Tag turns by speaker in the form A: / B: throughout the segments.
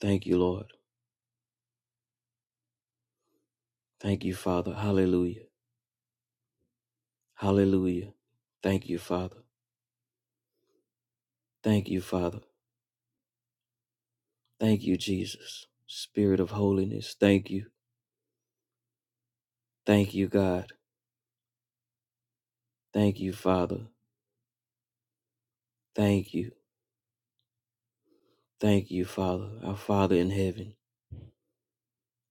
A: Thank you, Lord. Thank you, Father. Hallelujah. Hallelujah. Thank you, Father. Thank you, Father. Thank you, Jesus. Spirit of holiness, thank you. Thank you, God. Thank you, Father. Thank you. Thank you, Father, our Father in heaven.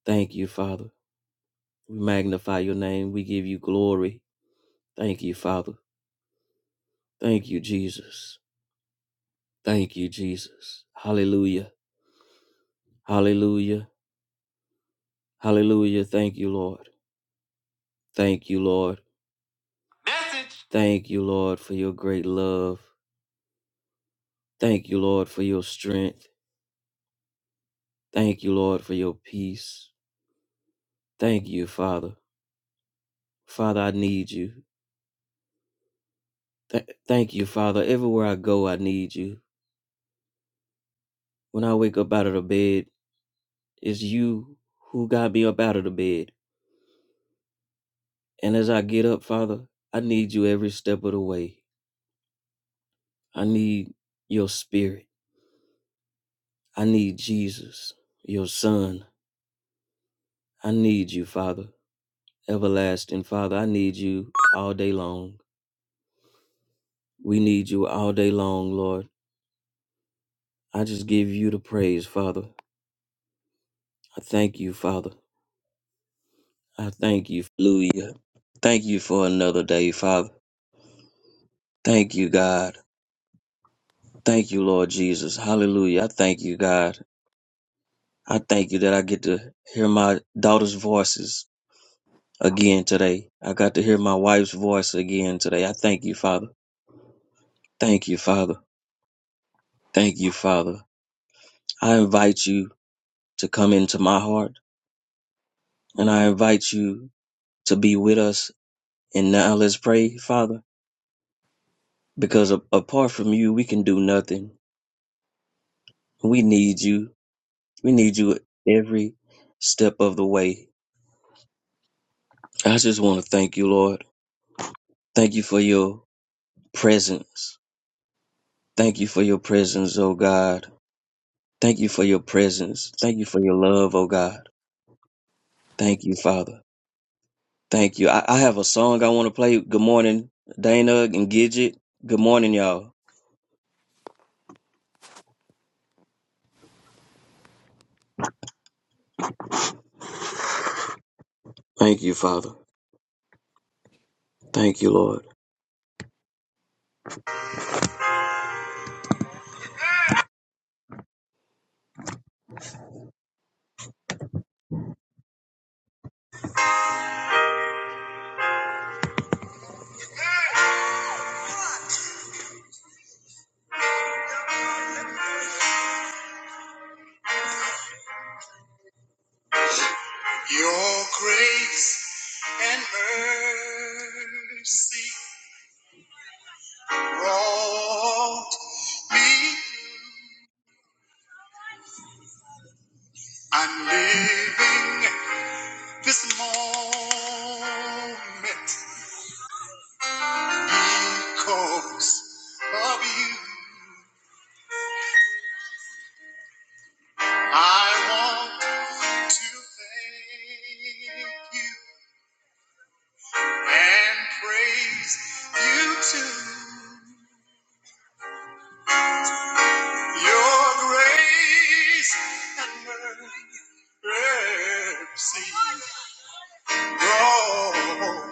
A: Thank you, Father. We magnify your name. We give you glory. Thank you, Father. Thank you, Jesus. Thank you, Jesus. Hallelujah. Hallelujah. Hallelujah. Thank you, Lord. Thank you, Lord. Thank you, Lord, for your great love. Thank you, Lord, for your strength. Thank you, Lord, for your peace. Thank you, Father. Father, I need you. Th- thank you, Father. Everywhere I go, I need you. When I wake up out of the bed, it's you who got me up out of the bed. And as I get up, Father, I need you every step of the way. I need your spirit. I need Jesus, your son. I need you, Father. Everlasting Father, I need you all day long. We need you all day long, Lord. I just give you the praise, Father. I thank you, Father. I thank you. Hallelujah. Thank you for another day, Father. Thank you, God. Thank you, Lord Jesus. Hallelujah. I thank you, God. I thank you that I get to hear my daughter's voices again today. I got to hear my wife's voice again today. I thank you, Father. Thank you, Father. Thank you, Father. I invite you to come into my heart and I invite you to be with us And now let's pray, Father, because a- apart from you, we can do nothing. We need you. We need you every step of the way. I just want to thank you, Lord. Thank you for your presence. Thank you for your presence, oh God. Thank you for your presence. Thank you for your love, oh God. Thank you, Father. Thank you. I, I have a song I want to play. Good morning, Dana and Gidget. Good morning, y'all. Thank you, Father. Thank you, Lord. Your grace and mercy brought me through. I'm living this moment because of you. I want to thank you and praise you too. Your grace and mercy brought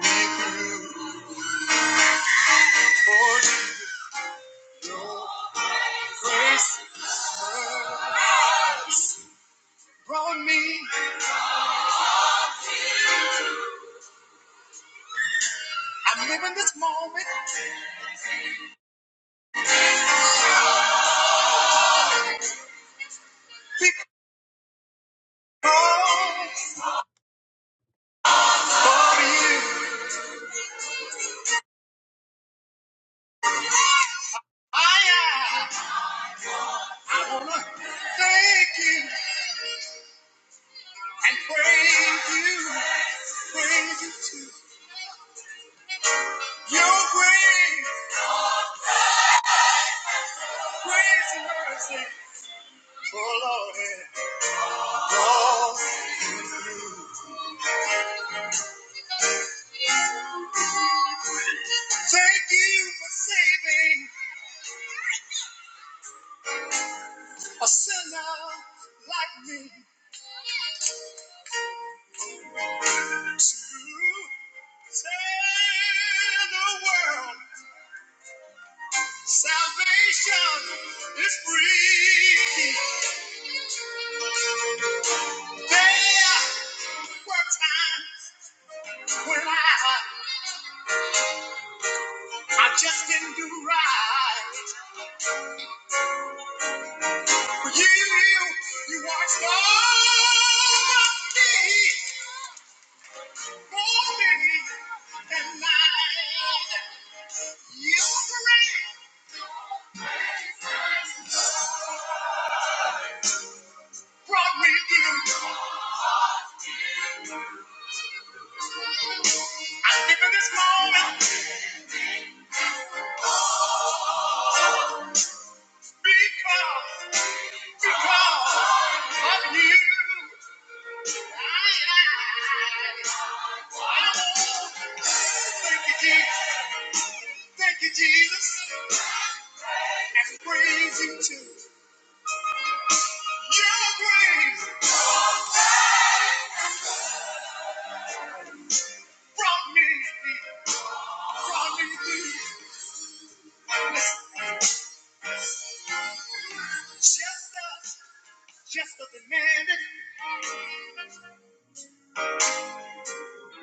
A: me through. For Jesus' grace brought me. I'm living this moment because for you I am. I wanna thank you and praise you, praise you too. Your grace, grace and mercy, oh Lord. Oh, thank you for saving a sinner like me to tell the world salvation is free. There were times when I, I just didn't do right. But you, you watched over me, for me, and I, you prayed. brought me through. I'm in this moment because, because of you. Thank you, Jesus. Thank you, Jesus. And praise you too. Your grace brought me, brought me through. Just us, just us demanded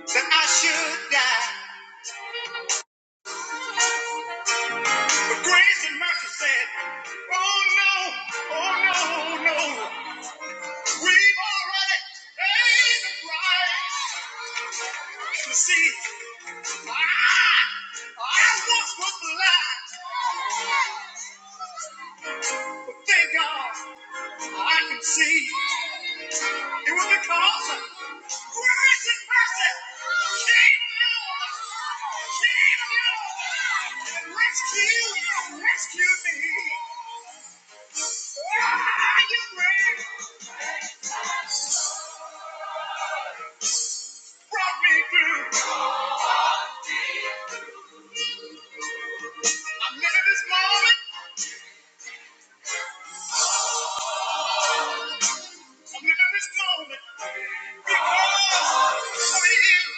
A: that I should die. But grace and mercy said, Oh no, oh no, no. We've already paid the price. You see, I, I once was blind, but thank God I can see. It was because of grace and mercy came along, came along, and rescued, rescued me. Ah, your grace brought me through. I'm living this moment, I'm living this moment because of you.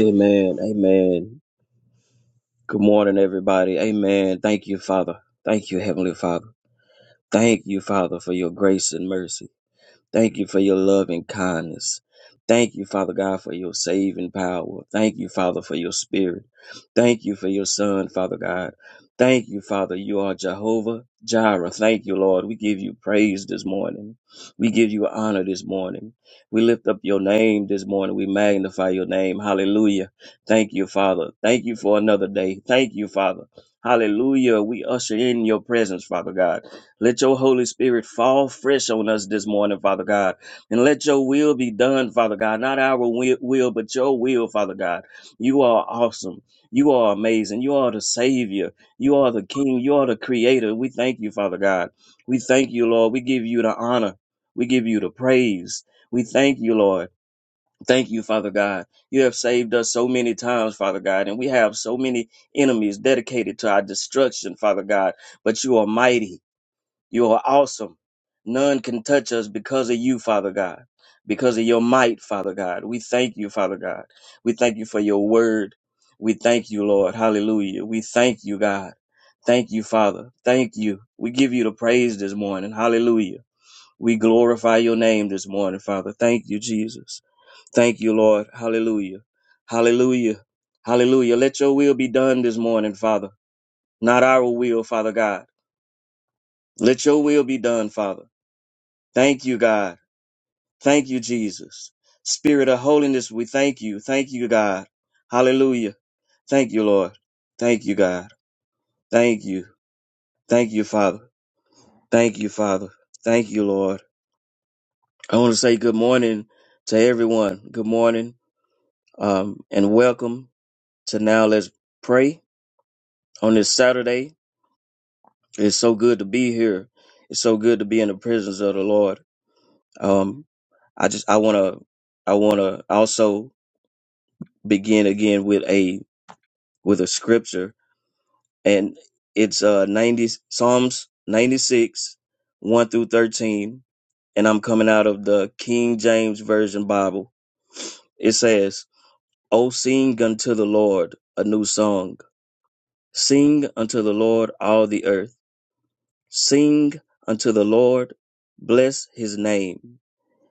A: Amen. Amen. Good morning, everybody. Amen. Thank you, Father. Thank you, Heavenly Father. Thank you, Father, for your grace and mercy. Thank you for your love and kindness. Thank you, Father God, for your saving power. Thank you, Father, for your spirit. Thank you for your son, Father God. Thank you, Father. You are Jehovah Jireh. Thank you, Lord. We give you praise this morning. We give you honor this morning. We lift up your name this morning. We magnify your name. Hallelujah. Thank you, Father. Thank you for another day. Thank you, Father. Hallelujah. We usher in your presence, Father God. Let your Holy Spirit fall fresh on us this morning, Father God. And let your will be done, Father God. Not our wi- will, but your will, Father God. You are awesome. You are amazing. You are the Savior. You are the King. You are the Creator. We thank you, Father God. We thank you, Lord. We give you the honor. We give you the praise. We thank you, Lord. Thank you, Father God. You have saved us so many times, Father God, and we have so many enemies dedicated to our destruction, Father God. But you are mighty. You are awesome. None can touch us because of you, Father God, because of your might, Father God. We thank you, Father God. We thank you for your word. We thank you, Lord. Hallelujah. We thank you, God. Thank you, Father. Thank you. We give you the praise this morning. Hallelujah. We glorify your name this morning, Father. Thank you, Jesus. Thank you, Lord. Hallelujah. Hallelujah. Hallelujah. Let your will be done this morning, Father. Not our will, Father God. Let your will be done, Father. Thank you, God. Thank you, Jesus. Spirit of holiness, we thank you. Thank you, God. Hallelujah. Thank you, Lord. Thank you, God. Thank you. Thank you, Father. Thank you, Father. Thank you, Lord. I want to say good morning to everyone. Good morning um, and welcome to Now Let's Pray on this Saturday. It's so good to be here. It's so good to be in the presence of the Lord. Um, I just, I want to, I want to also begin again with a with a scripture, and it's uh ninety Psalms ninety six one through thirteen, and I'm coming out of the King James Version Bible. It says, "O sing unto the Lord a new song; sing unto the Lord all the earth; sing unto the Lord, bless His name;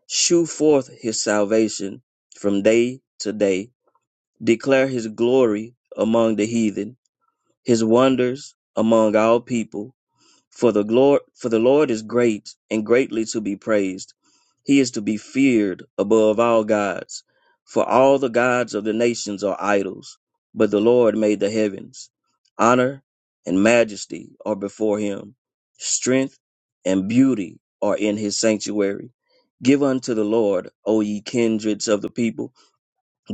A: shew forth His salvation from day to day; declare His glory among the heathen, His wonders among all people." For the Lord, for the Lord is great and greatly to be praised. He is to be feared above all gods. For all the gods of the nations are idols, but the Lord made the heavens. Honor and majesty are before him. Strength and beauty are in his sanctuary. Give unto the Lord, O ye kindreds of the people.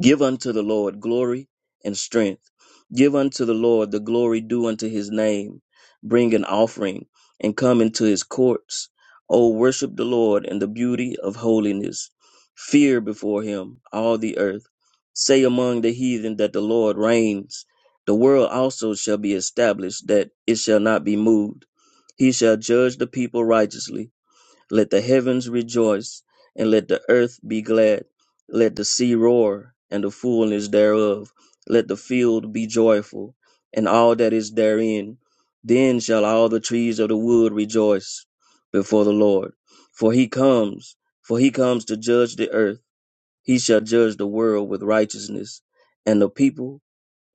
A: Give unto the Lord glory and strength. Give unto the Lord the glory due unto his name. Bring an offering and come into his courts. O worship the Lord in the beauty of holiness. Fear before him all the earth. Say among the heathen that the Lord reigns. The world also shall be established, that it shall not be moved. He shall judge the people righteously let the heavens rejoice, and let the earth be glad. Let the sea roar, and the fullness thereof. Let the field be joyful, and all that is therein. Then shall all the trees of the wood rejoice before the Lord. For he comes, for he comes to judge the earth. He shall judge the world with righteousness, and the people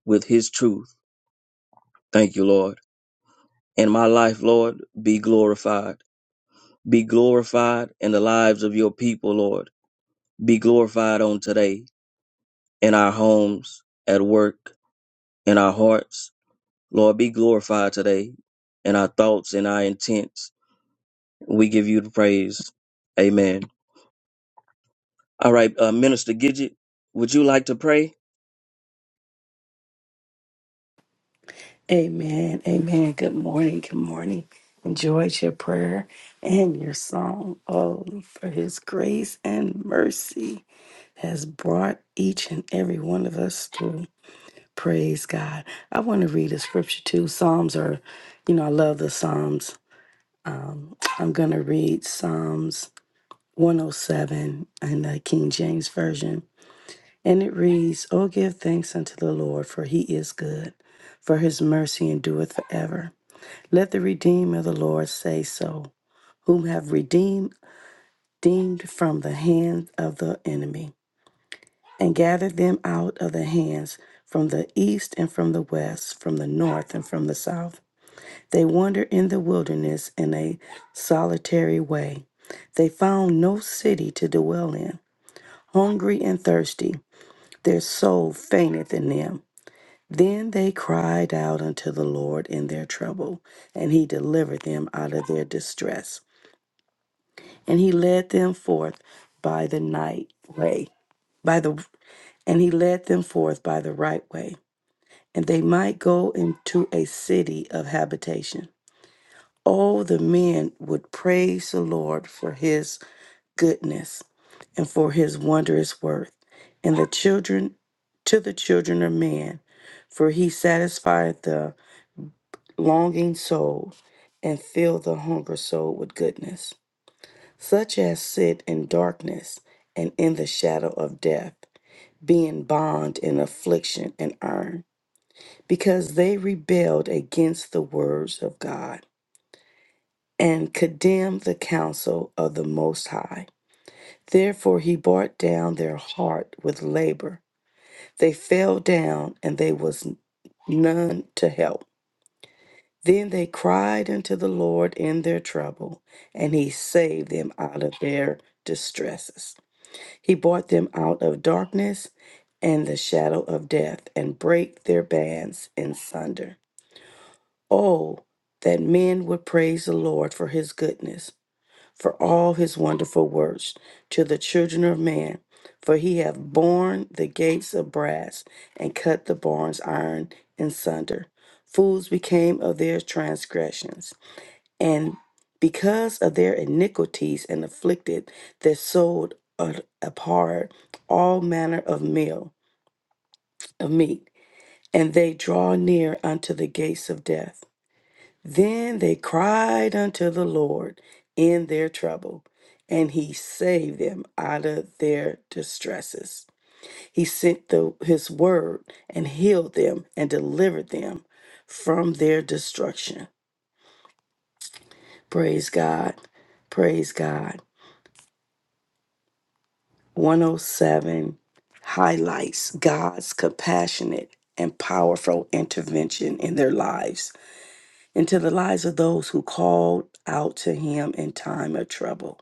A: with his truth. Thank you, Lord. In my life, Lord, be glorified. Be glorified in the lives of your people, Lord be glorified on today in our homes, at work, in our hearts. Lord, be glorified today in our thoughts and our intents. We give you the praise. Amen. All right, uh, Minister Gidget, would you like to pray?
B: Amen. Amen. Good morning. Good morning. Enjoyed your prayer and your song. Oh, for his grace and mercy has brought each and every one of us through. Praise God. I want to read a scripture too. Psalms are, you know, I love the Psalms. Um, I'm going to read Psalms 107 in the King James Version. And it reads, Oh, give thanks unto the Lord, for he is good, for his mercy endureth forever. Let the redeemed of the Lord say so, whom have redeemed, redeemed from the hand of the enemy, and gathered them out of the hands from the east and from the west, from the north and from the south. They wandered in the wilderness in a solitary way. They found no city to dwell in. Hungry and thirsty, their soul fainted in them. Then they cried out unto the Lord in their trouble, and he delivered them out of their distress. and he led them forth by the night way by the and he led them forth by the right way and they might go into a city of habitation oh the men would praise the lord for his goodness and for his wondrous worth and the children to the children of man for he satisfied the longing soul and filled the hunger soul with goodness such as sit in darkness and in the shadow of death, being bond in affliction and iron, because they rebelled against the words of God and condemned the counsel of the Most High. Therefore he brought down their heart with labor. They fell down and there was none to help. Then they cried unto the Lord in their trouble, and he saved them out of their distresses. He brought them out of darkness and the shadow of death, and brake their bands in sunder. Oh, that men would praise the Lord for his goodness for all his wonderful works to the children of man. For he hath borne the gates of brass and cut the barns iron in sunder. Fools became of their transgressions, and because of their iniquities and afflicted, their soul a- abhorred all manner of meal of meat, and they draw near unto the gates of death. Then they cried unto the Lord in their trouble, and he saved them out of their distresses. He sent the, his word and healed them and delivered them from their destruction. Praise God. Praise God. 107 highlights God's compassionate and powerful intervention in their lives, into the lives of those who called out to him in time of trouble.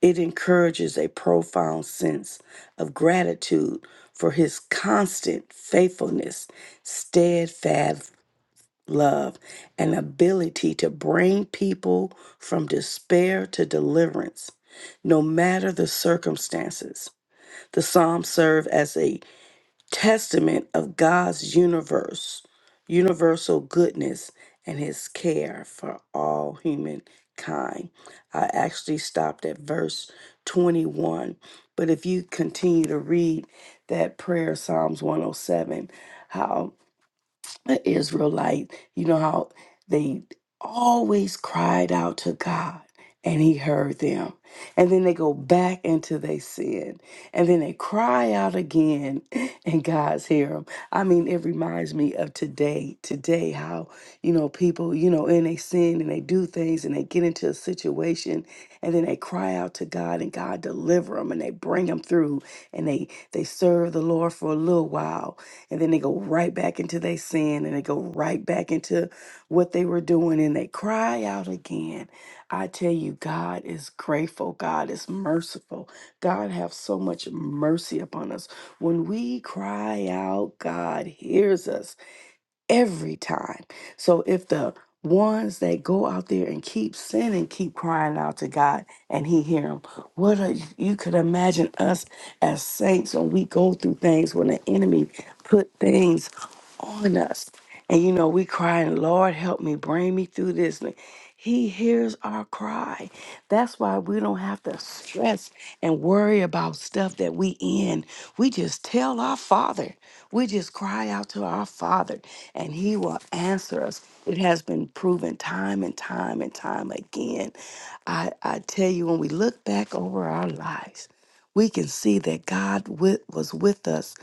B: It encourages a profound sense of gratitude for his constant faithfulness, steadfast love, and ability to bring people from despair to deliverance, no matter the circumstances. The Psalms serve as a testament of God's universe, universal goodness, and his care for all humankind. I actually stopped at verse 21, but if you continue to read that prayer, Psalms 107, the Israelite, you know how they always cried out to God and he heard them. And then they go back into their sin. And then they cry out again and God's hear them. I mean, it reminds me of today, today, how, you know, people, you know, and they sin and they do things and they get into a situation and then they cry out to God and God deliver them and they bring them through and they, they serve the Lord for a little while and then they go right back into their sin and they go right back into what they were doing and they cry out again. I tell you, God is grateful. God is merciful. God have so much mercy upon us. When we cry out, God hears us every time. So if the ones that go out there and keep sinning keep crying out to God and he hear them, what a, you could imagine us as saints when we go through things when the enemy put things on us. And you know, we crying, Lord, help me, bring me through this. He hears our cry. That's why we don't have to stress and worry about stuff that we in. We just tell our Father. We just cry out to our Father, and He will answer us. It has been proven time and time and time again. I, I tell you, when we look back over our lives, we can see that God wi- was with us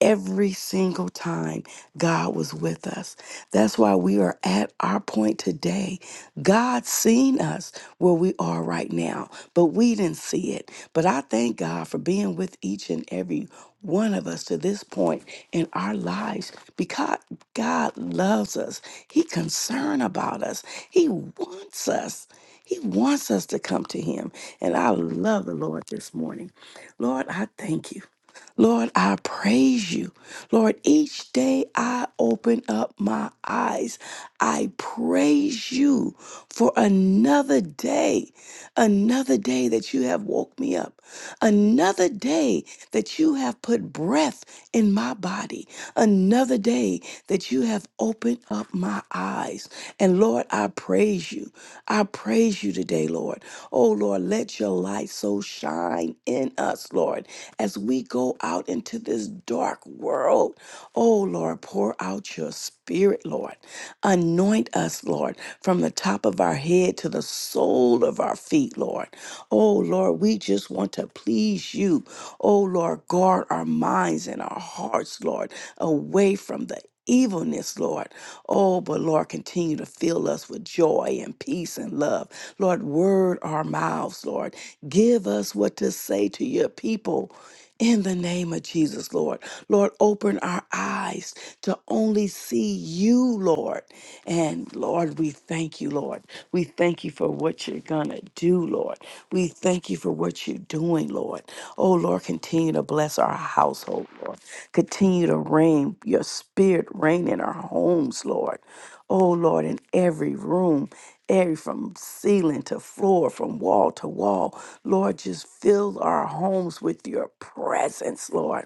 B: Every single time God was with us. That's why we are at our point today. God's seen us where we are right now, but we didn't see it. But I thank God for being with each and every one of us to this point in our lives because God loves us. He concerned about us. He wants us. He wants us to come to him. And I love the Lord this morning. Lord, I thank you. Lord, I praise you. Lord, each day I open up my eyes. I praise you for another day, another day that you have woke me up, another day that you have put breath in my body, another day that you have opened up my eyes. And Lord, I praise you. I praise you today, Lord. Oh, Lord, let your light so shine shine in us, Lord, as we go out into this dark world. Oh, Lord, pour out your spirit, Lord. Anoint us, Lord, from the top of our head to the sole of our feet, Lord. Oh, Lord, we just want to please you. Oh, Lord, guard our minds and our hearts, Lord, away from the evilness, Lord. Oh, but Lord, continue to fill us with joy and peace and love. Lord, word our mouths, Lord. Give us what to say to your people. In the name of Jesus, Lord. Lord, open our eyes to only see you, Lord. And Lord, we thank you, Lord. We thank you for what you're going to do, Lord. We thank you for what you're doing, Lord. Oh, Lord, continue to bless our household, Lord. Continue to rain your spirit Spirit reign in our homes, Lord. Oh, Lord, in every room, every from ceiling to floor, from wall to wall. Lord, just fill our homes with your presence, Lord.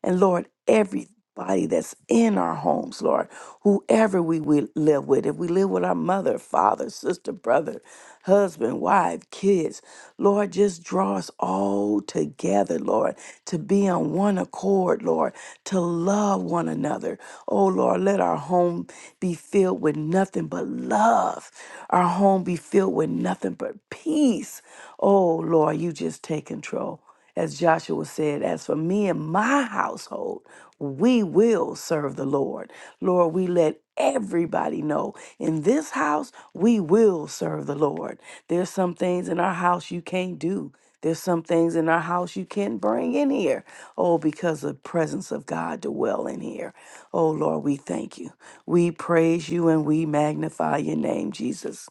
B: And Lord, every body that's in our homes, Lord, whoever we will live with, if we live with our mother, father, sister, brother, husband, wife, kids, Lord, just draw us all together, Lord, to be on one accord, Lord, to love one another. Spirit. Oh Lord, let our home be filled with nothing but love. Our home be filled with nothing but peace. Oh Lord, you just take control. As Joshua said, as for me and my household, we will serve the Lord. Lord, we let everybody know in this house, we will serve the Lord. There's some things in our house you can't do. There's some things in our house you can't bring in here. Oh, because the presence of God dwell in here. Oh Lord, we thank you. We praise you and we magnify your name, Jesus.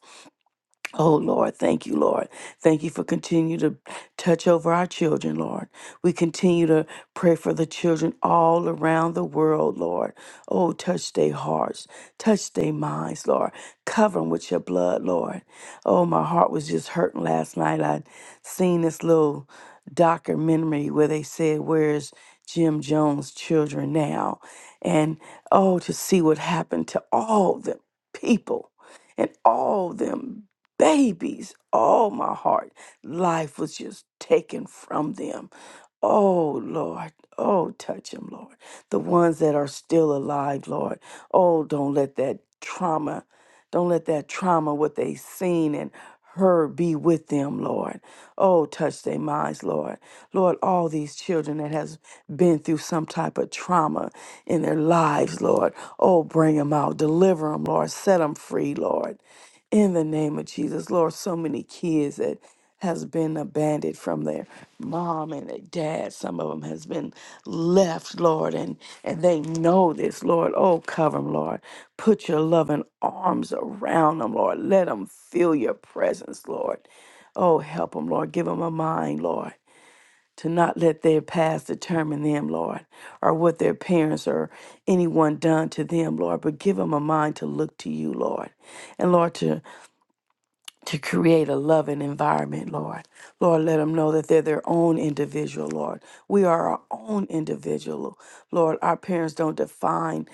B: Oh Lord, thank you, Lord. Thank you for continue to touch over our children, Lord. We continue to pray for the children all around the world, Lord. Oh, touch their hearts, touch their minds, Lord. Cover them with your blood, Lord. Oh, my heart was just hurting last night. I seen this little documentary where they said, "Where's Jim Jones' children now?" And oh, to see what happened to all the people and all them babies. Oh, my heart. Life was just taken from them. Oh, Lord. Oh, touch them, Lord. The ones that are still alive, Lord. Oh, don't let that trauma, don't let that trauma, what they seen and heard, be with them, Lord. Oh, touch their minds, Lord. Lord, all these children that has been through some type of trauma in their lives, Lord. Oh, bring them out, deliver them, Lord, set them free, Lord. In the name of Jesus, Lord, so many kids that has been abandoned from their mom and their dad. Some of them has been left, Lord, and and they know this, Lord. Oh, cover them, Lord. Put your loving arms around them, Lord. Let them feel your presence, Lord. Oh, help them, Lord. Give them a mind, Lord to not let their past determine them, Lord, or what their parents or anyone done to them, Lord, but give them a mind to look to you, Lord. And Lord, to, to create a loving environment, Lord. Lord, let them know that they're their own individual, Lord. We are our own individual, Lord. Our parents don't define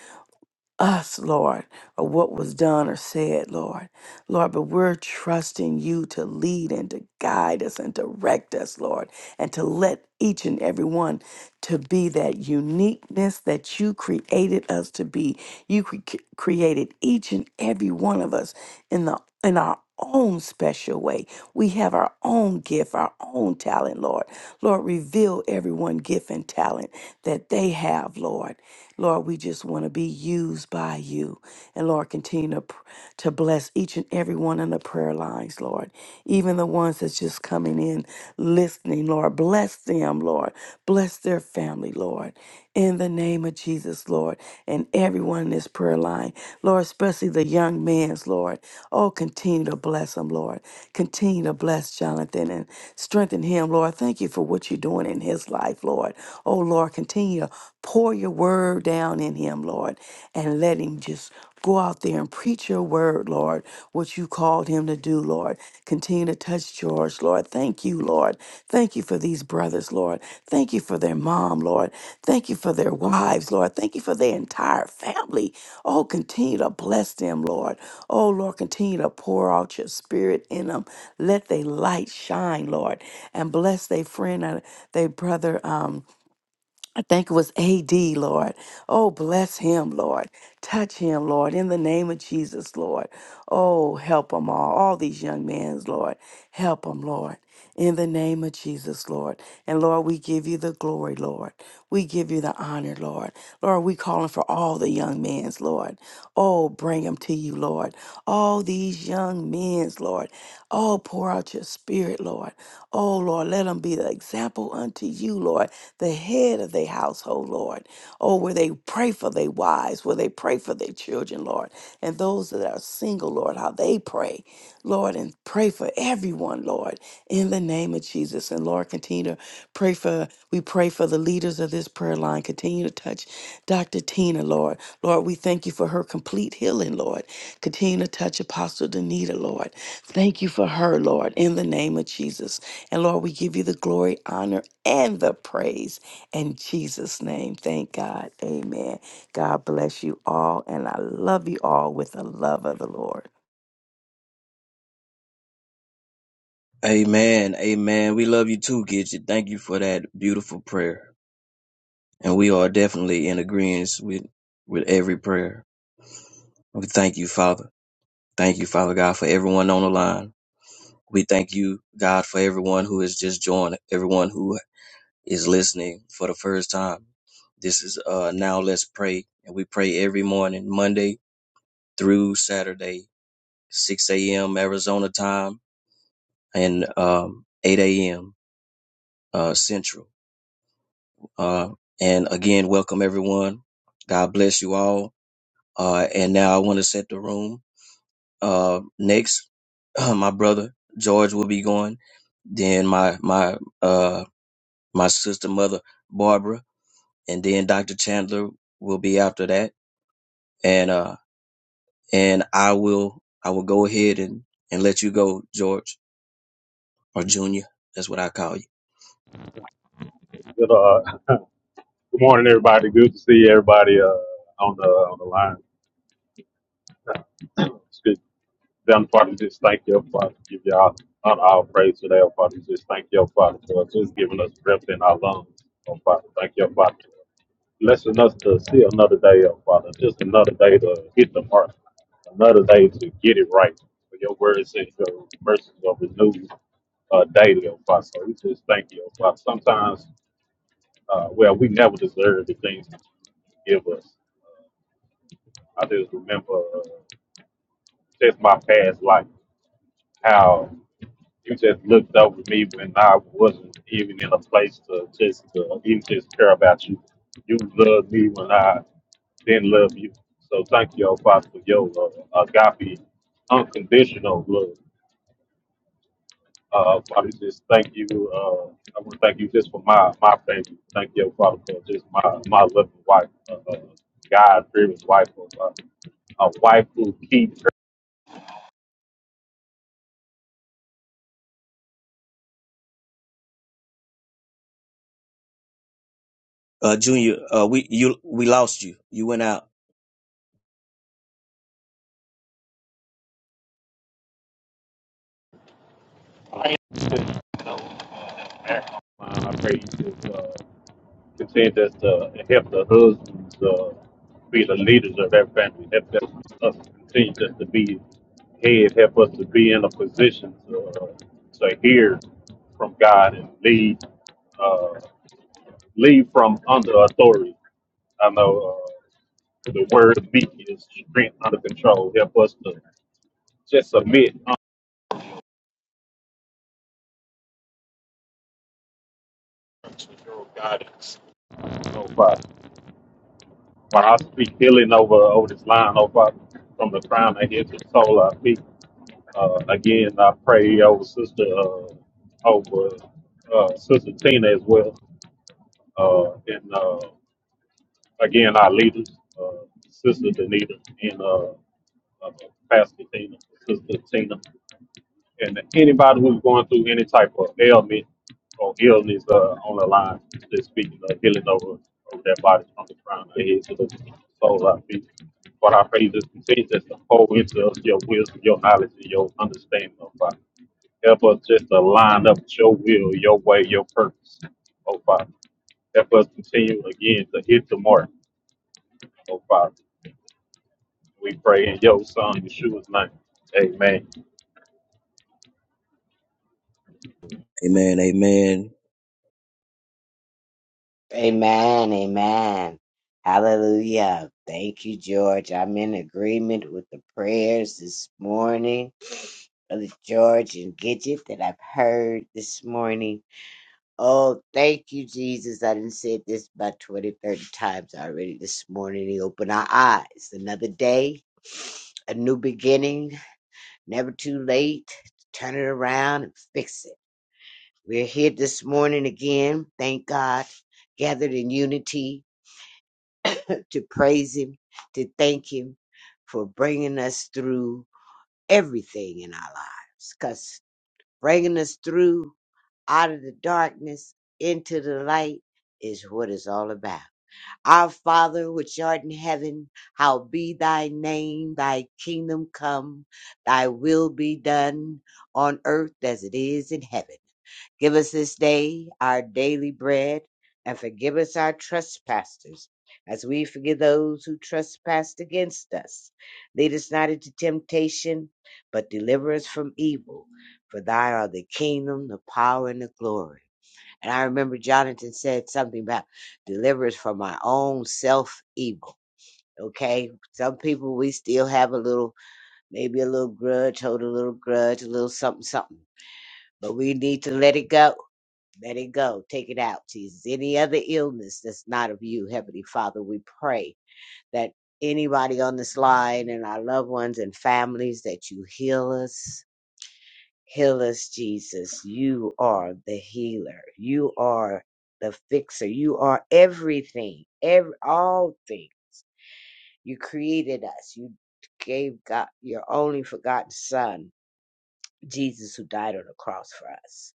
B: us, Lord, or what was done or said, Lord. Lord, but we're trusting you to lead and to guide us and direct us, Lord, and to let each and every one to be that uniqueness that you created us to be. You cre- created each and every one of us in the in our own special way. We have our own gift, our own talent, Lord. Lord, reveal everyone gift and talent that they have, Lord. Lord, we just want to be used by you. And Lord, continue to, pr- to bless each and every one on the prayer lines, Lord. Even the ones that's just coming in listening, Lord. Bless them, Lord. Bless their family, Lord family, Lord, in the name of Jesus, Lord, and everyone in this prayer line, Lord, especially the young man's, Lord. Oh, continue to bless him, Lord. Continue to bless Jonathan and strengthen him, Lord. Thank you for what you're doing in his life, Lord. Oh, Lord, continue to pour your word down in him, Lord, and let him just Go out there and preach your word, Lord, what you called him to do, Lord. Continue to touch George, Lord. Thank you, Lord. Thank you for these brothers, Lord. Thank you for their mom, Lord. Thank you for their wives, Lord. Thank you for their entire family. Oh, continue to bless them, Lord. Oh, Lord, continue to pour out your spirit in them. Let their light shine, Lord. And bless their friend, uh, their brother. Um, I think it was AD, Lord. Oh, bless him, Lord. Touch him, Lord, in the name of Jesus, Lord. Oh, help them all, all these young men, Lord. Help them, Lord, in the name of Jesus, Lord. And Lord, we give you the glory, Lord. We give you the honor, Lord. Lord, we calling for all the young men, Lord. Oh, bring them to you, Lord. All these young men, Lord. Oh, pour out your spirit, Lord. Oh, Lord, let them be the example unto you, Lord, the head of their household, Lord. Oh, where they pray for their wives, where they pray for their children, Lord. And those that are single, Lord, how they pray, Lord, and pray for everyone, Lord, in the name of Jesus. And Lord, continue to pray for, we pray for the leaders of this prayer line. Continue to touch Dr. Tina, Lord. Lord, we thank you for her complete healing, Lord. Continue to touch Apostle Danita, Lord. Thank you for her, Lord, in the name of Jesus. And Lord, we give you the glory, honor, and the praise. In Jesus' name, thank God. Amen. God bless you all, and I love you all with the love of the Lord.
A: Amen. Amen. We love you too, Gidget. Thank you for that beautiful prayer. And we are definitely in agreement with, with every prayer. We thank you, Father. Thank you, Father God, for everyone on the line. We thank you, God, for everyone who has just joined, everyone who is listening for the first time, this is uh now let's pray, and we pray every morning, Monday through Saturday, 6 a.m. Arizona time and um 8 a.m. uh Central. Uh, and again, welcome everyone. God bless you all. Uh, and now I want to set the room. Uh, next, my brother George will be going. Then my my uh my sister mother Barbara, and then Dr. Chandler will be after that and uh and I will I will go ahead and and let you go, George or Junior. That's what I call you,
C: Good, uh, good morning, everybody. Good to see everybody uh, on the on the line. Excuse me. Them Father, just thank you, Father. Give y'all honor, all praise today, oh Father. Just thank you, Father, for just giving us breath in our lungs, oh Father. Thank you, Father, blessing us to see another day, oh Father. Just another day to hit the mark, another day to get it right. For your word says your mercies are renewed uh, daily, oh Father. So we just thank you, oh Father. Sometimes, uh, well, we never deserve the things that you give us. I just remember uh, just my past life, how you just looked over me when I wasn't even in a place to just to even just care about you. You loved me when I didn't love you. So thank you, oh Father, for your uh, agape, unconditional love. Uh, Father, just thank you. Uh, I want to thank you just for my my family. Thank you, oh Father, for just my my loving wife, uh, uh, God-driven wife, uh, a wife who keeps
A: uh, Junior. Uh, we you we lost you. You went out.
C: her. Uh, I pray you just uh, continue just uh, and help the husbands uh, be the leaders of that family. Help them, us continue just to be head. Help us to be in a position to, uh, to hear from God and lead uh, lead from under authority. I know uh, the word of me is strength under control. Help us to just submit under your guidance, oh Father. While I speak healing over over this line, oh Father, from the crown of his soul, I speak. Uh, again, I pray over Sister uh, over uh, Sister Tina as well, uh, and uh, again our leaders, uh, Sister Danita and uh, uh, Pastor Tina, Sister Tina, and anybody who's going through any type of ailment or illness uh, on the line, just speaking of healing over, over their body from the crown of their head to the soles of our feet. But I pray you just continue just to pour into us your wisdom, your knowledge, and your understanding of God. Help us just to line up with your will, your way, your purpose. Oh, Father. Help us continue again to hit the mark. Oh, Father. We pray in your son, Yeshua's name. Amen.
A: Amen. Amen.
D: Amen. Amen. Hallelujah. Thank you, George. I'm in agreement with the prayers this morning, Brother George and Gidget, that I've heard this morning. Oh, thank you, Jesus. I didn't say this about 20, 30 times already this morning. He opened our eyes. Another day, a new beginning, never too late. to Turn it around and fix it. We're here this morning again. Thank God. Gathered in unity to praise Him, to thank Him for bringing us through everything in our lives. Because bringing us through out of the darkness into the light is what it's all about. Our Father, which art in heaven, how be thy name, thy kingdom come, thy will be done on earth as it is in heaven. Give us this day our daily bread, and forgive us our trespasses, as we forgive those who trespass against us. Lead us not into temptation, but deliver us from evil. For thine are the kingdom, the power, and the glory. And I remember Jonathan said something about deliver us from our own self evil. Okay, some people we still have a little, maybe a little grudge, hold a little grudge, a little something, something, but we need to let it go let it go. Take it out, Jesus. Any other illness that's not of you, Heavenly Father, we pray that anybody on this line and our loved ones and families that you heal us. Heal us, Jesus. You are the healer. You are the fixer. You are everything, every, all things. You created us. You gave God your only forgotten Son, Jesus, who died on the cross for us.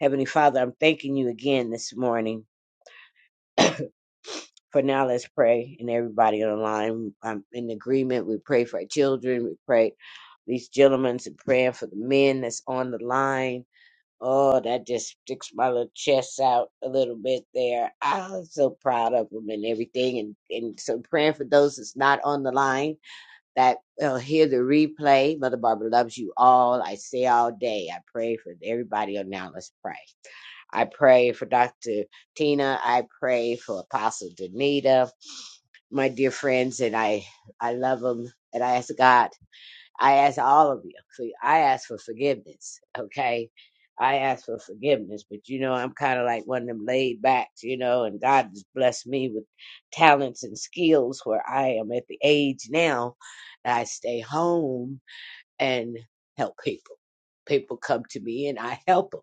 D: Heavenly Father, I'm thanking you again this morning For now, let's pray. And everybody on the line, I'm in agreement. We pray for our children. We pray these gentlemen and praying for the men that's on the line. Oh, that just sticks my little chest out a little bit there. I'm so proud of them and everything. And, and so praying for those that's not on the line that will hear the replay. Mother Barbara loves you all. I say all day. I pray for everybody on now. Let's pray. I pray for Dr. Tina. I pray for Apostle Danita my dear friends, and I I love them, and I ask God, I ask all of you, for- I ask for forgiveness, okay? I ask for forgiveness, but you know I'm kind of like one of them laid backs, you know, and God has blessed me with talents and skills where I am at the age now that I stay home and help people. People come to me and I help them.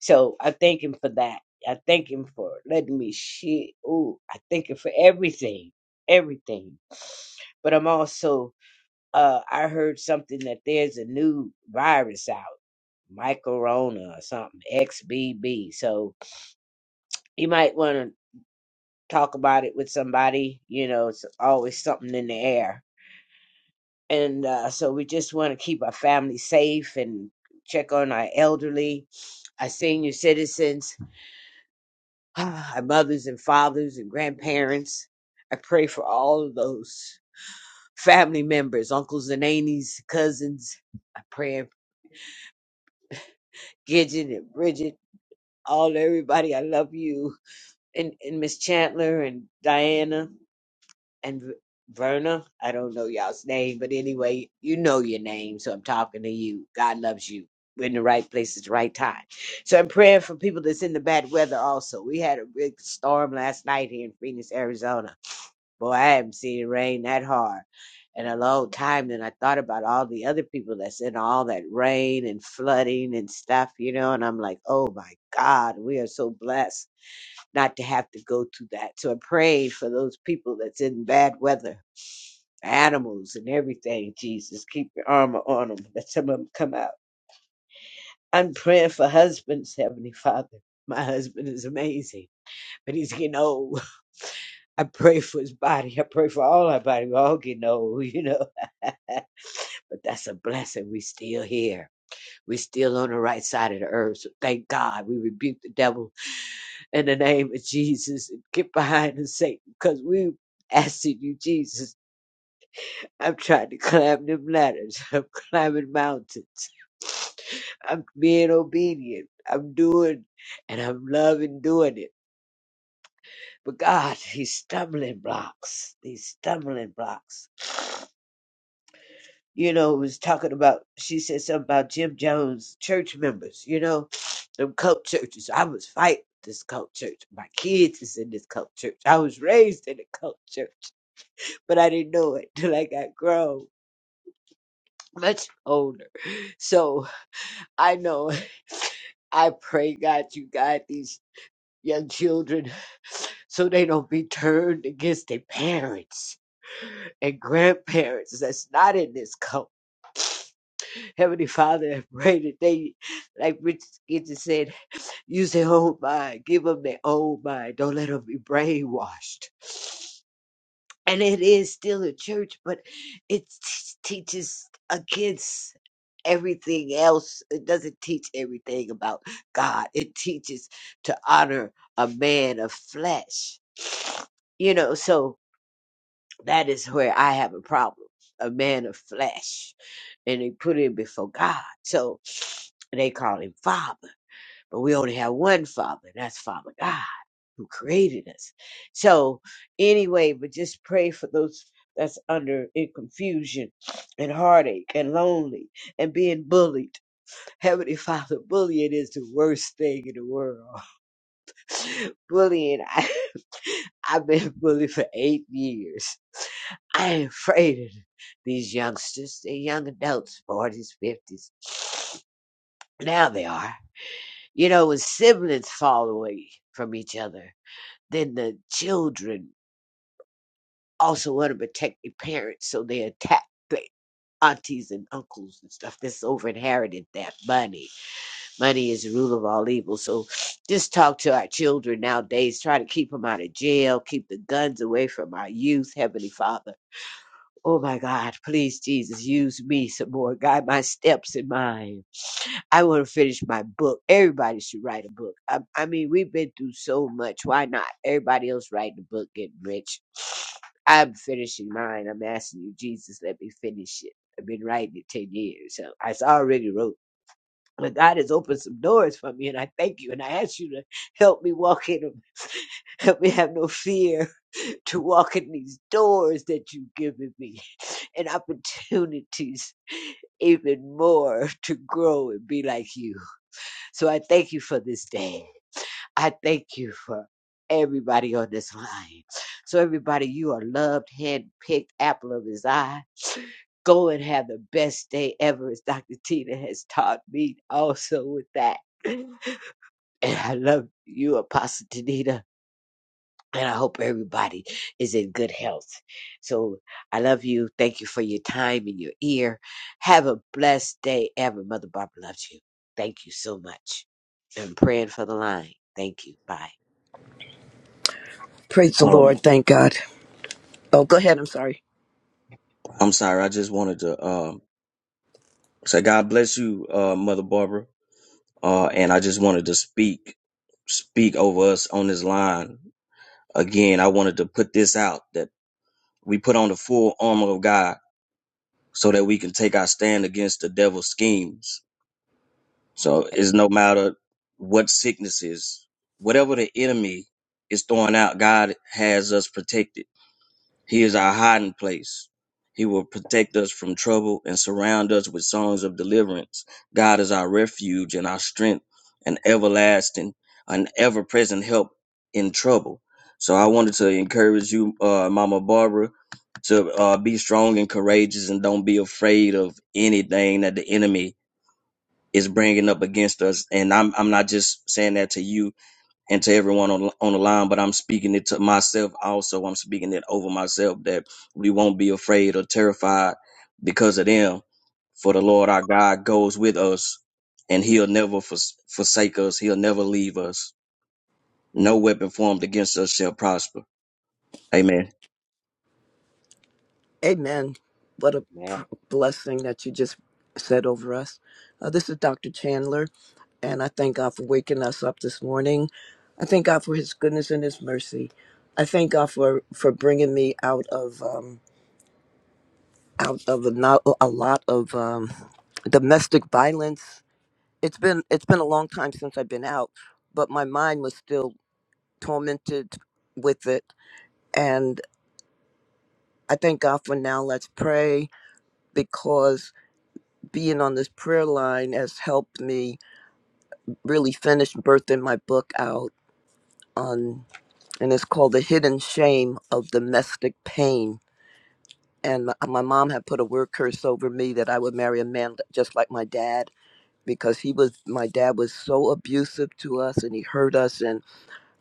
D: So I thank him for that. I thank him for letting me share. Ooh, I thank him for everything, everything. But I'm also, uh, I heard something that there's a new virus out, Mycorona or something, XBB. So you might want to talk about it with somebody. You know, it's always something in the air. And uh, so we just want to keep our family safe and check on our elderly our senior citizens, our mothers and fathers and grandparents. I pray for all of those family members, uncles and aunties, cousins. I pray for Gidget and Bridget, all everybody. I love you. And, and Miss Chandler and Diana. and V- Verna. I don't know y'all's name, but anyway, you know your name, so I'm talking to you. God loves you. We're in the right place at the right time. So I'm praying for people that's in the bad weather also. We had a big storm last night here in Phoenix, Arizona. Boy, I haven't seen it rain that hard in a long time. And I thought about all the other people that's in all that rain and flooding and stuff, you know, and I'm like, oh my God, we are so blessed not to have to go through that. So I'm praying for those people that's in bad weather animals and everything, Jesus. Keep your armor on them. Let some of them come out. I'm praying for husbands, Heavenly Father. My husband is amazing, but he's getting old. I pray for his body. I pray for all our body. We're all getting old, you know. but that's a blessing. we still here. We're still on the right side of the earth. So thank God we rebuke the devil in the name of Jesus and get behind us, Satan, because we asking you, Jesus. I'm trying to climb them ladders. I'm climbing mountains. I'm being obedient. I'm doing and I'm loving doing it. But God, these stumbling blocks, these stumbling blocks. You know, it was talking about, she said something about Jim Jones church members, you know, them cult churches. I was fighting this cult church. My kids is in this cult church. I was raised in a cult church, but I didn't know it till I got grown, much older. So, I know. I pray, God, you guide these young children so they don't be turned against their parents and grandparents that's not in this cult. Heavenly Father, I pray that they, like Richard Skinner said, use their own mind. Give them their own mind. Don't let them be brainwashed. and it is still a church, but it t- teaches against everything else. It doesn't teach everything about God. It teaches to honor a man of flesh. You know, so that is where I have a problem. A man of flesh, and they put him before God. So they call him Father, but we only have one Father, and that's Father God who created us. So anyway, but just pray for those that's under in confusion and heartache and lonely and being bullied. Heavenly Father, bullying is the worst thing in the world. bullying, I, I've been bullied for eight years. I am afraid of these youngsters. They're young adults, 40s, 50s. Now they are. You know, when siblings fall away from each other, then the children also want to protect their parents, so they attack their aunties and uncles and stuff that's over inherited that money. Money is the root of all evil. So just talk to our children nowadays. Try to keep them out of jail. Keep the guns away from our youth, Heavenly Father. Oh my God, please, Jesus, use me some more. Guide my steps in mine. I want to finish my book. Everybody should write a book. I, I mean, we've been through so much. Why not? Everybody else writing a book, getting rich. I'm finishing mine. I'm asking you, Jesus, let me finish it. I've been writing it 10 years. So I s- already wrote. But God has opened some doors for me, and I thank you. And I ask you to help me walk in them. Help me have no fear to walk in these doors that you've given me and opportunities even more to grow and be like you. So I thank you for this day. I thank you for everybody on this line. So, everybody, you are loved, handpicked, apple of his eye. Go and have the best day ever, as Dr. Tina has taught me also with that. And I love you, Apostle Danita and I hope everybody is in good health. So I love you. Thank you for your time and your ear. Have a blessed day ever. Mother Barbara loves you. Thank you so much. And praying for the line. Thank you. Bye.
E: Praise the
A: Um,
E: Lord. Thank God. Oh, go ahead. I'm sorry.
A: I'm sorry. I just wanted to um say God bless you, uh, Mother Barbara. Uh, and I just wanted to speak speak over us on this line again. I wanted to put this out that we put on the full armor of God so that we can take our stand against the devil's schemes So it's no matter what sickness is, whatever the enemy is throwing out, God has us protected. He is our hiding place. He will protect us from trouble and surround us with songs of deliverance. God is our refuge and our strength, an everlasting, an ever present help in trouble. So I wanted to encourage you, uh, Mama Barbara, to uh, be strong and courageous and don't be afraid of anything that the enemy is bringing up against us. And I'm I'm not just saying that to you and to everyone on on the line, but I'm speaking it to myself also. I'm speaking it over myself that we won't be afraid or terrified because of them. For the Lord our God goes with us, and He'll never fors- forsake us. He'll never leave us. No weapon formed against us shall prosper. Amen.
E: Amen. What a
D: Amen.
E: pr- blessing that you just said over us. Uh, this is Dr. Chandler, and I thank God for waking us up this morning. I thank God for His goodness and His mercy. I thank God for for bringing me out of um, out of a, not, a lot of um, domestic violence. It's been it's been a long time since I've been out, but my mind was still tormented with it, and I thank God for now. Let's pray because being on this prayer line has helped me really finish birthing my book out on, and it's called The Hidden Shame of Domestic Pain. And my, my mom had put a word curse over me that I would marry a man just like my dad because he was my dad was so abusive to us and he hurt us and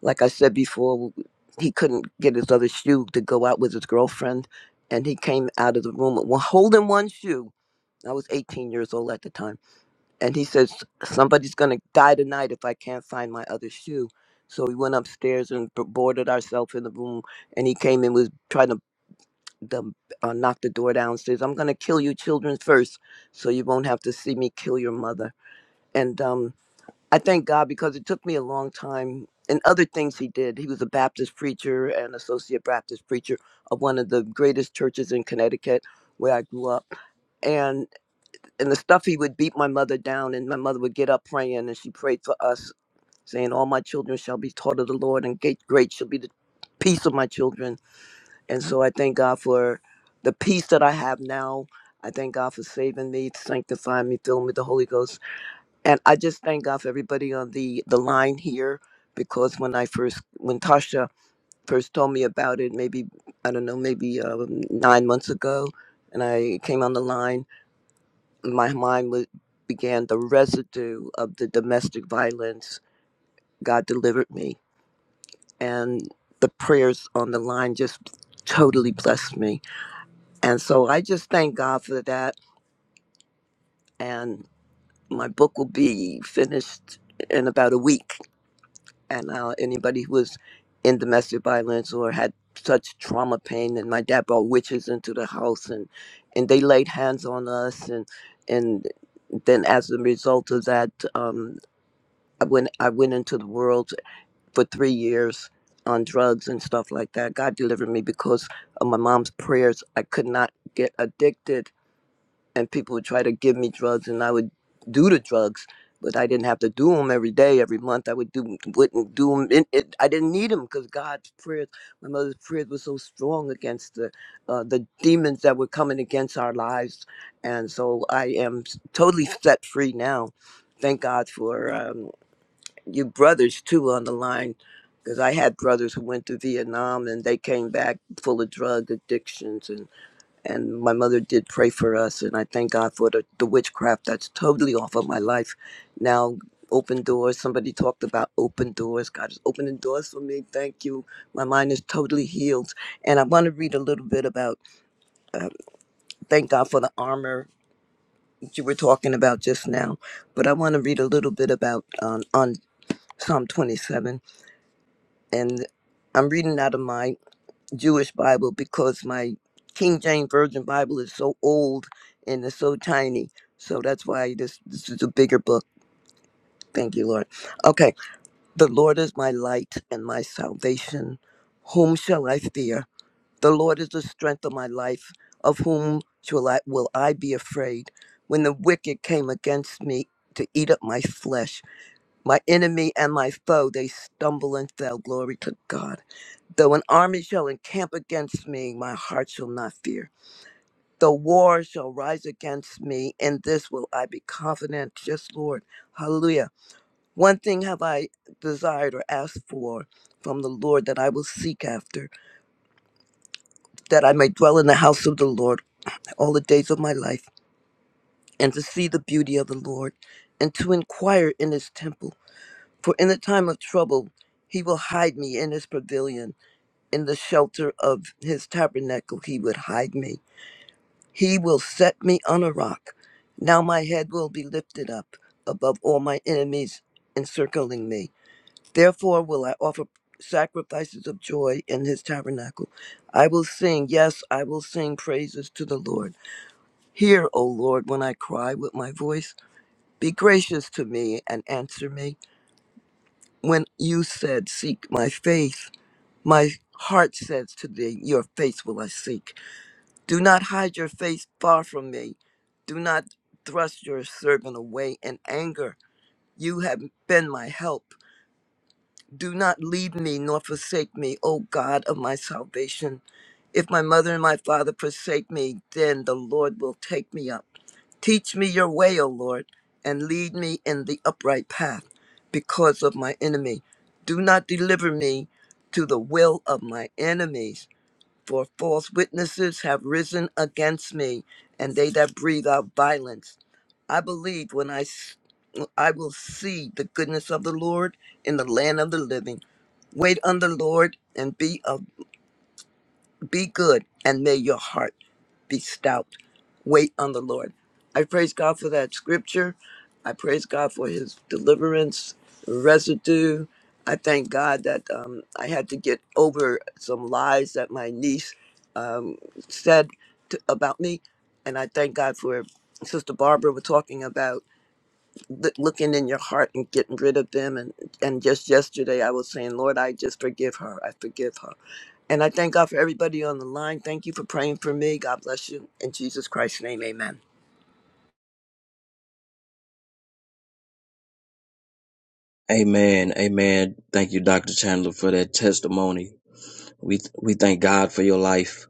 E: like I said before he couldn't get his other shoe to go out with his girlfriend and he came out of the room with one- holding one shoe I was 18 years old at the time. And he says, Somebody's going to die tonight if I can't find my other shoe. So we went upstairs and b- boarded ourselves in the room. And he came in was trying to the, uh, knock the door down. Says, I'm going to kill you children first so you won't have to see me kill your mother. And um, I thank God because it took me a long time. And other things he did. He was a Baptist preacher and associate Baptist preacher of one of the greatest churches in Connecticut where I grew up and and the stuff he would beat my mother down and my mother would get up praying and she prayed for us saying all my children shall be taught of the lord and great great shall be the peace of my children and so i thank god for the peace that i have now i thank god for saving me sanctifying me filling me with the holy ghost and i just thank god for everybody on the the line here because when i first when tasha first told me about it maybe i don't know maybe um, nine months ago and i came on the line my mind was, began the residue of the domestic violence God delivered me. And the prayers on the line just totally blessed me. And so I just thank God for that. And my book will be finished in about a week. And uh, anybody who was in domestic violence or had such trauma pain, and my dad brought witches into the house, and and they laid hands on us, and and then as a result of that, um, I went I went into the world for three years on drugs and stuff like that. God delivered me because of my mom's prayers. I could not get addicted, and people would try to give me drugs, and I would do the drugs, but I didn't have to do them every day, every month. I would do wouldn't do them. It, it, I didn't need them because God's prayers, my mother's prayers, were so strong against the uh, the demons that were coming against our lives, and so I am totally set free now. Thank God for. um, your brothers too on the line because I had brothers who went to Vietnam and they came back full of drug addictions and and my mother did pray for us and I thank God for the, the witchcraft that's totally off of my life now open doors somebody talked about open doors God is opening doors for me thank you my mind is totally healed and I want to read a little bit about uh, thank God for the armor that you were talking about just now but I want to read a little bit about um, on Psalm 27 and I'm reading out of my Jewish Bible because my King James Version Bible is so old and it's so tiny. So that's why this this is a bigger book. Thank you, Lord. Okay. The Lord is my light and my salvation. Whom shall I fear? The Lord is the strength of my life. Of whom shall I will I be afraid? When the wicked came against me to eat up my flesh, my enemy and my foe, they stumble and fell. Glory to God. Though an army shall encamp against me, my heart shall not fear. Though war shall rise against me, in this will I be confident. Yes, Lord. Hallelujah. One thing have I desired or asked for from the Lord that I will seek after, that I may dwell in the house of the Lord all the days of my life, and to see the beauty of the Lord, and to inquire in his temple. For in the time of trouble, he will hide me in his pavilion. In the shelter of his tabernacle, he would hide me. He will set me on a rock. Now my head will be lifted up above all my enemies encircling me. Therefore will I offer sacrifices of joy in his tabernacle. I will sing, yes, I will sing praises to the Lord. Hear, O Lord, when I cry with my voice. Be gracious to me and answer me. When you said, Seek my face, My heart says to thee, Your face will I seek. Do not hide your face far from me. Do not thrust your servant away in anger. You have been my help. Do not leave me nor forsake me, O God of my salvation. If my mother and my father forsake me, then the Lord will take me up. Teach me your way, O Lord, and lead me in the upright path because of my enemy. Do not deliver me to the will of my enemies for false witnesses have risen against me, and they that breathe out violence. I believe when I, s- I will see the goodness of the Lord in the land of the living. Wait on the Lord and be of be good and may your heart be stout. Wait on the Lord. I praise God for that scripture. I praise God for his deliverance residue. I thank God that um, I had to get over some lies that my niece um, said to, about me. And I thank God for Sister Barbara was talking about l- looking in your heart and getting rid of them and and just yesterday i was saying lord i just forgive her i forgive her and i thank god for everybody on the line thank you for praying for me god bless you in jesus christ's name amen
A: Amen. Amen. Thank you, Dr. Chandler, for that testimony. We we thank God for your life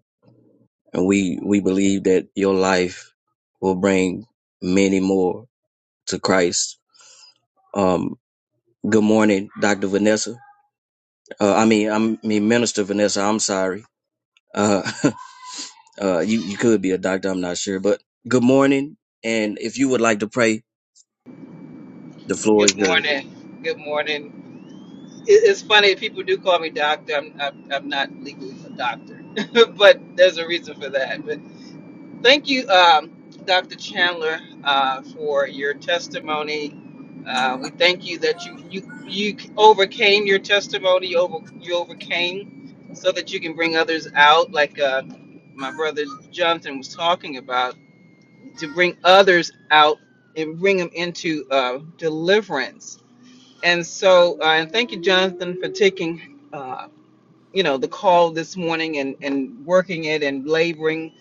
A: and we we believe that your life will bring many more to Christ. Um, good morning, Doctor Vanessa. Uh, I mean, I'm- I mean, Minister Vanessa. I'm sorry. Uh, uh, you you could be a doctor. I'm not sure, but good morning. And if you would like to pray, the floor is
F: Good
A: yours.
F: morning. Good morning. It- It's funny, people do call me doctor. I'm, I'm, I'm not legally a doctor, but there's a reason for that. But thank you, um, Dr. Chandler, uh, for your testimony. Uh, we thank you that you, you you overcame your testimony. You over you overcame, so that you can bring others out, like uh, my brother Jonathan was talking about, to bring others out and bring them into uh, deliverance and so, uh, and thank you, Jonathan, for taking, uh, you know, the call this morning and, and working it and laboring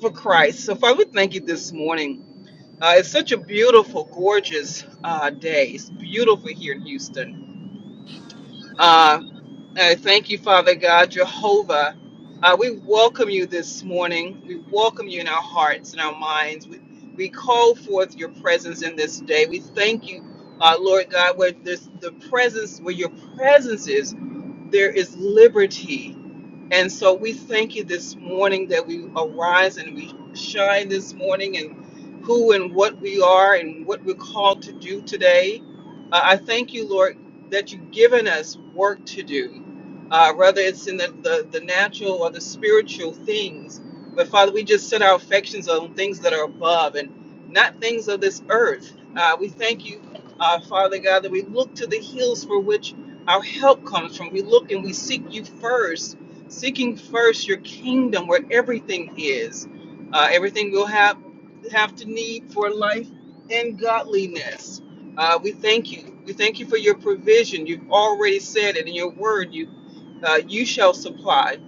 F: for Christ. So, Father, we thank you this morning. Uh, it's such a beautiful, gorgeous uh, day. It's beautiful here in Houston. Uh, I thank you, Father God, Jehovah. Uh, we welcome you this morning. We welcome you in our hearts and our minds. We, we call forth your presence in this day. We thank you, uh, Lord God, where this, the presence, where your presence is there is liberty. And so we thank you this morning that we arise and we shine this morning and who and what we are and what we're called to do today. Uh, I thank you, Lord, that you've given us work to do, uh, whether it's in the, the, the natural or the spiritual things. But Father, we just set our affections on things that are above and not things of this earth. Uh, we thank you, uh, Father God, that we look to the hills for which our help comes from. We look and we seek you first, seeking first your kingdom where everything is, uh, everything we'll have have to need for life and godliness. Uh, we thank you. We thank you for your provision. You've already said it in your word. You uh, you shall supply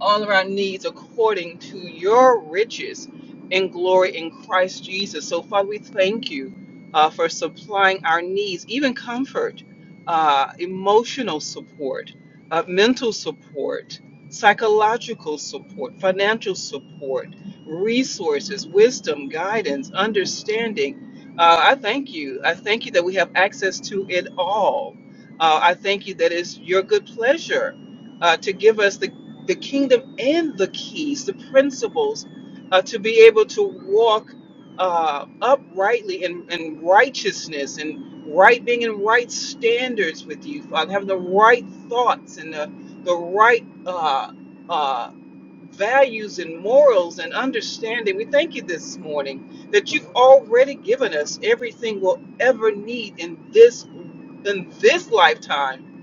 F: all of our needs according to your riches and glory in Christ Jesus. So, Father, we thank you uh, for supplying our needs, even comfort, uh, emotional support, uh, mental support, psychological support, financial support, resources, wisdom, guidance, understanding. Uh, I thank you. I thank you that we have access to it all. Uh, I thank you that it's your good pleasure uh, to give us the the kingdom and the keys, the principles, uh, to be able to walk uh, uprightly in, in righteousness and right being in right standards with you, Father, having the right thoughts and the, the right uh, uh, values and morals and understanding. We thank you this morning that you've already given us everything we'll ever need in this in this lifetime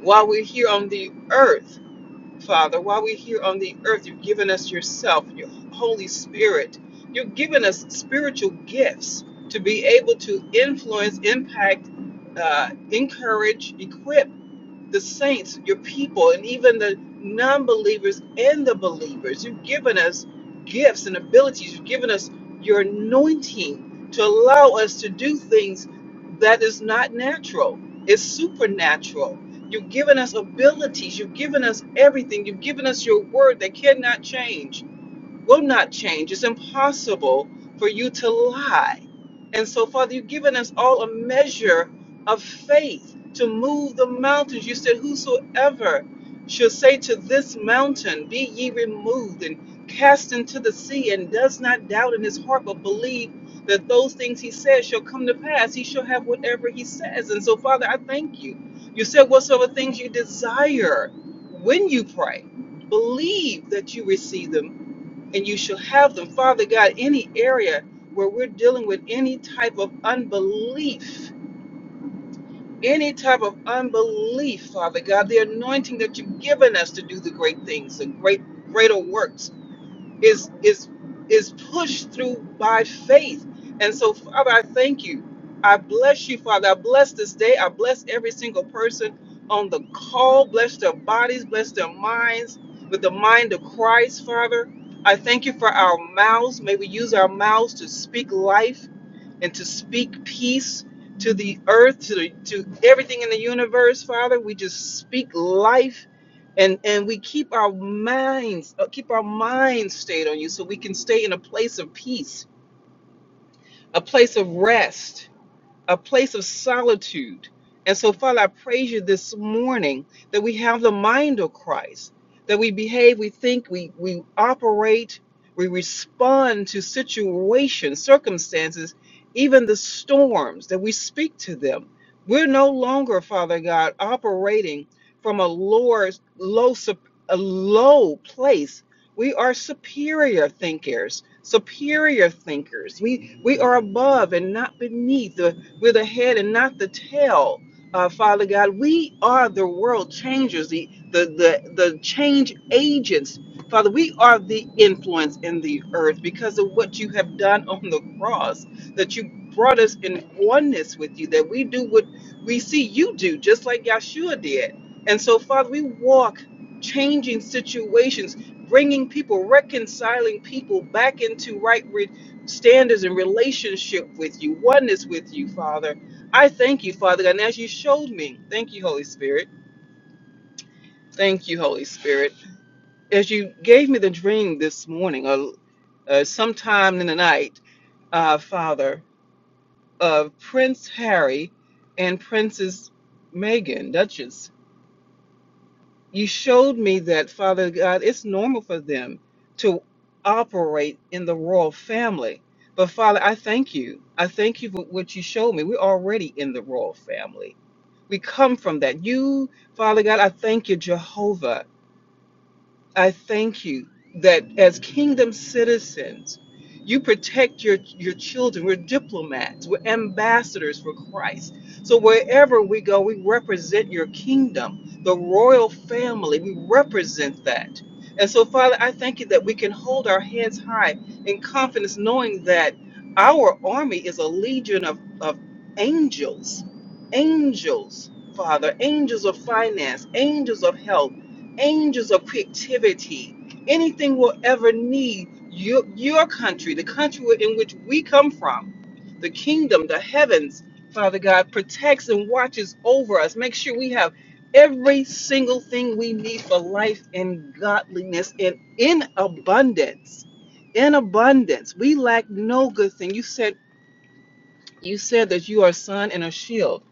F: while we're here on the earth. Father, while we're here on the earth, you've given us yourself, your Holy Spirit. You've given us spiritual gifts to be able to influence, impact, uh, encourage, equip the saints, your people, and even the non believers and the believers. You've given us gifts and abilities. You've given us your anointing to allow us to do things that is not natural, it's supernatural. You've given us abilities. You've given us everything. You've given us your word that cannot change will not change. It's impossible for you to lie. And so, Father, you've given us all a measure of faith to move the mountains. You said, Whosoever shall say to this mountain, Be ye removed and cast into the sea, and does not doubt in his heart, but believe that those things he says shall come to pass, he shall have whatever he says. And so, Father, I thank you. You said, Whatsoever things you desire when you pray, believe that you receive them and you shall have them. Father God, any area where we're dealing with any type of unbelief, any type of unbelief, Father God, the anointing that you've given us to do the great things, the great greater works is is is pushed through by faith. And so, Father, I thank you. I bless you, Father. I bless this day. I bless every single person on the call. Bless their bodies. Bless their minds with the mind of Christ, Father. I thank you for our mouths. May we use our mouths to speak life and to speak peace to the earth, to, the, to everything in the universe, Father. We just speak life and, and we keep our minds, uh, keep our minds stayed on you so we can stay in a place of peace, a place of rest a place of solitude. And so, Father, I praise you this morning that we have the mind of Christ, that we behave, we think, we, we operate, we respond to situations, circumstances, even the storms, that we speak to them. We're no longer, Father God, operating from a lower, low, sup- a low place. We are superior thinkers, superior thinkers. We we are above and not beneath. We're the head and not the tail. Uh, Father God, we are the world changers, the, the the the change agents. Father, we are the influence in the earth because of what you have done on the cross. That you brought us in oneness with you. That we do what we see you do, just like Yeshua did. And so, Father, we walk changing situations, bringing people, reconciling people back into right standards and relationship with you, oneness with you, Father. I thank you, Father God. And as you showed me, thank you, Holy Spirit. Thank you, Holy Spirit. As you gave me the dream this morning, or uh, sometime in the night, uh, Father, of Prince Harry and Princess Megan, Duchess. you showed me that, Father God, it's normal for them to operate in the royal family. But Father, I thank you. I thank you for what you showed me. We're already in the royal family. We come from that. You, Father God, I thank you, Jehovah. I thank you that as kingdom citizens, you protect your, your children. We're diplomats, we're ambassadors for Christ. So wherever we go, we represent your kingdom, the royal family. We represent that. And so, Father, I thank you that we can hold our heads high in confidence, knowing that our army is a legion of, of angels, angels, Father, angels of finance, angels of health angels of creativity, anything we'll ever need, your, your country, the country in which we come from, the kingdom, the heavens, Father God, protects and watches over us. Make sure we have every single thing we need for life and godliness and in abundance. In abundance. We lack no good thing. You said you said that you are a son and a shield,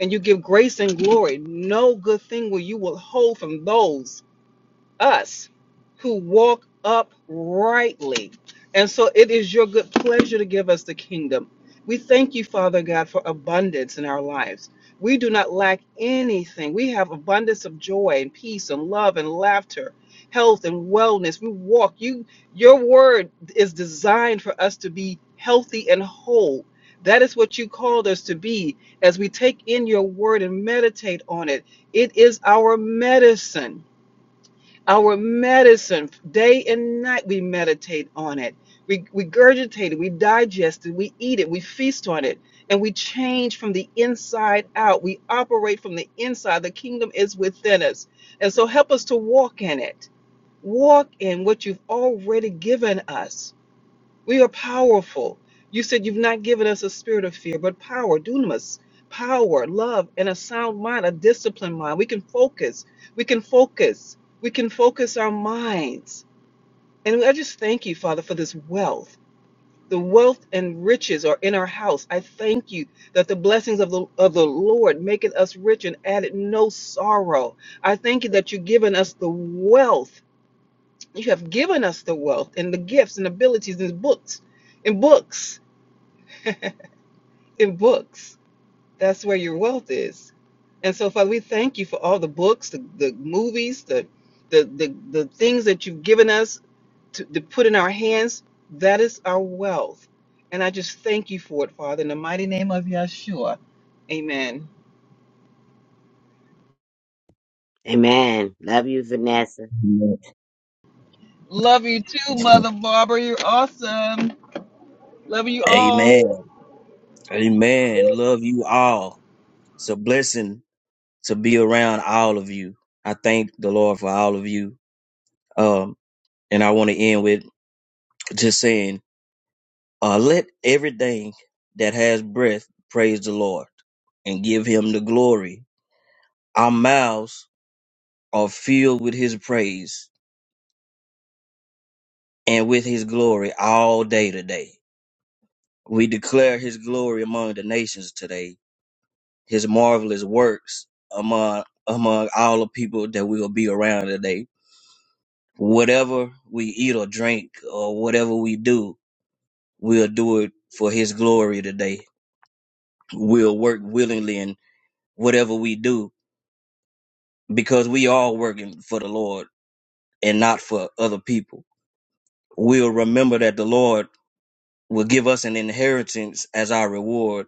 F: and you give grace and glory. No good thing will you withhold from those us who walk uprightly. And so it is your good pleasure to give us the kingdom. We thank you, Father God, for abundance in our lives. We do not lack anything. We have abundance of joy and peace and love and laughter, health and wellness. We walk. You your word is designed for us to be healthy and whole. That is what you called us to be as we take in your word and meditate on it. It is our medicine. Our medicine, day and night, we meditate on it. We regurgitate it, we digest it, we eat it, we feast on it, and we change from the inside out. We operate from the inside. The kingdom is within us. And so help us to walk in it. Walk in what you've already given us we are powerful. You said you've not given us a spirit of fear, but power, dunamis, power, love, and a sound mind, a disciplined mind. We can focus. We can focus. We can focus our minds. And I just thank you, Father, for this wealth. The wealth and riches are in our house. I thank you that the blessings of the, of the Lord maketh us rich and added no sorrow. I thank you that you've given us the wealth. You have given us the wealth and the gifts and abilities and books and books in books. That's where your wealth is. And so, Father, we thank you for all the books, the, the movies, the, the the the things that you've given us to, to put in our hands. That is our wealth. And I just thank you for it, Father, in the mighty name of Yeshua. Amen.
D: Amen. Love you, Vanessa.
A: Amen.
F: Love you too, Mother Barbara. You're awesome. Love you all.
A: Amen. Amen. Love you all. It's a blessing to be around all of you. I thank the Lord for all of you. Um, and I want to end with just saying Uh, let everything that has breath praise the Lord and give him the glory. Our mouths are filled with his praise and with his glory all day today. We declare his glory among the nations today, his marvelous works among among all the people that we will be around today. Whatever we eat or drink or whatever we do, we'll do it for his glory today. We'll work willingly in whatever we do because we all working for the Lord and not for other people. We'll remember that the Lord will give us an inheritance as our reward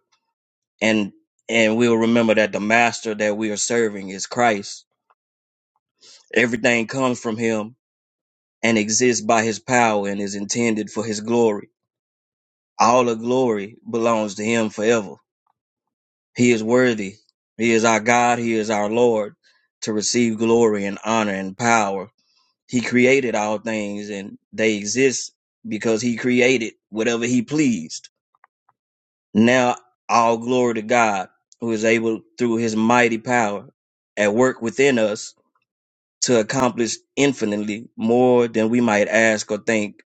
A: and and we'll remember that the master that we are serving is Christ. Everything comes from him and exists by his power and is intended for his glory. All the glory belongs to him forever. He is worthy. He is our God, he is our Lord to receive glory and honor and power He created all things and they exist because he created whatever he pleased. Now all glory to God who is able through his mighty power at work within us to accomplish infinitely more than we might ask or think.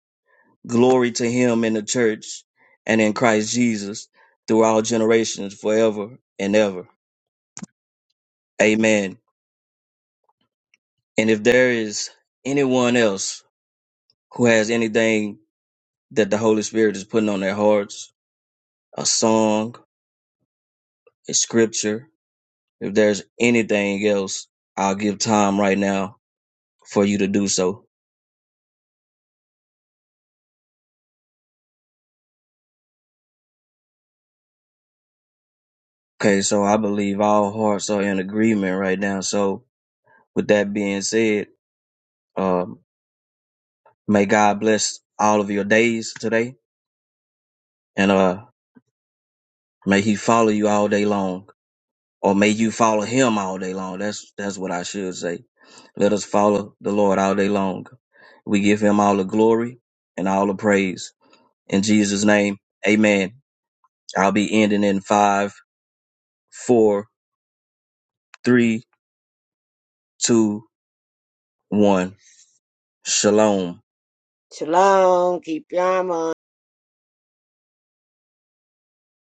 A: Glory to him in the church and in Christ Jesus through all generations forever and ever. Amen. And if there is anyone else who has anything that the Holy Spirit is putting on their hearts, a song, a scripture. If there's anything else, I'll give time right now for you to do so. Okay, so I believe all hearts are in agreement right now. So with that being said, um, may God bless all of your days today and uh may he follow you all day long. Or may you follow him all day long. That's that's what I should say. Let us follow the Lord all day long. We give him all the glory and all the praise. In Jesus' name, amen. I'll be ending in five, four, three, two, one. Shalom.
D: Shalom. Keep your arm on.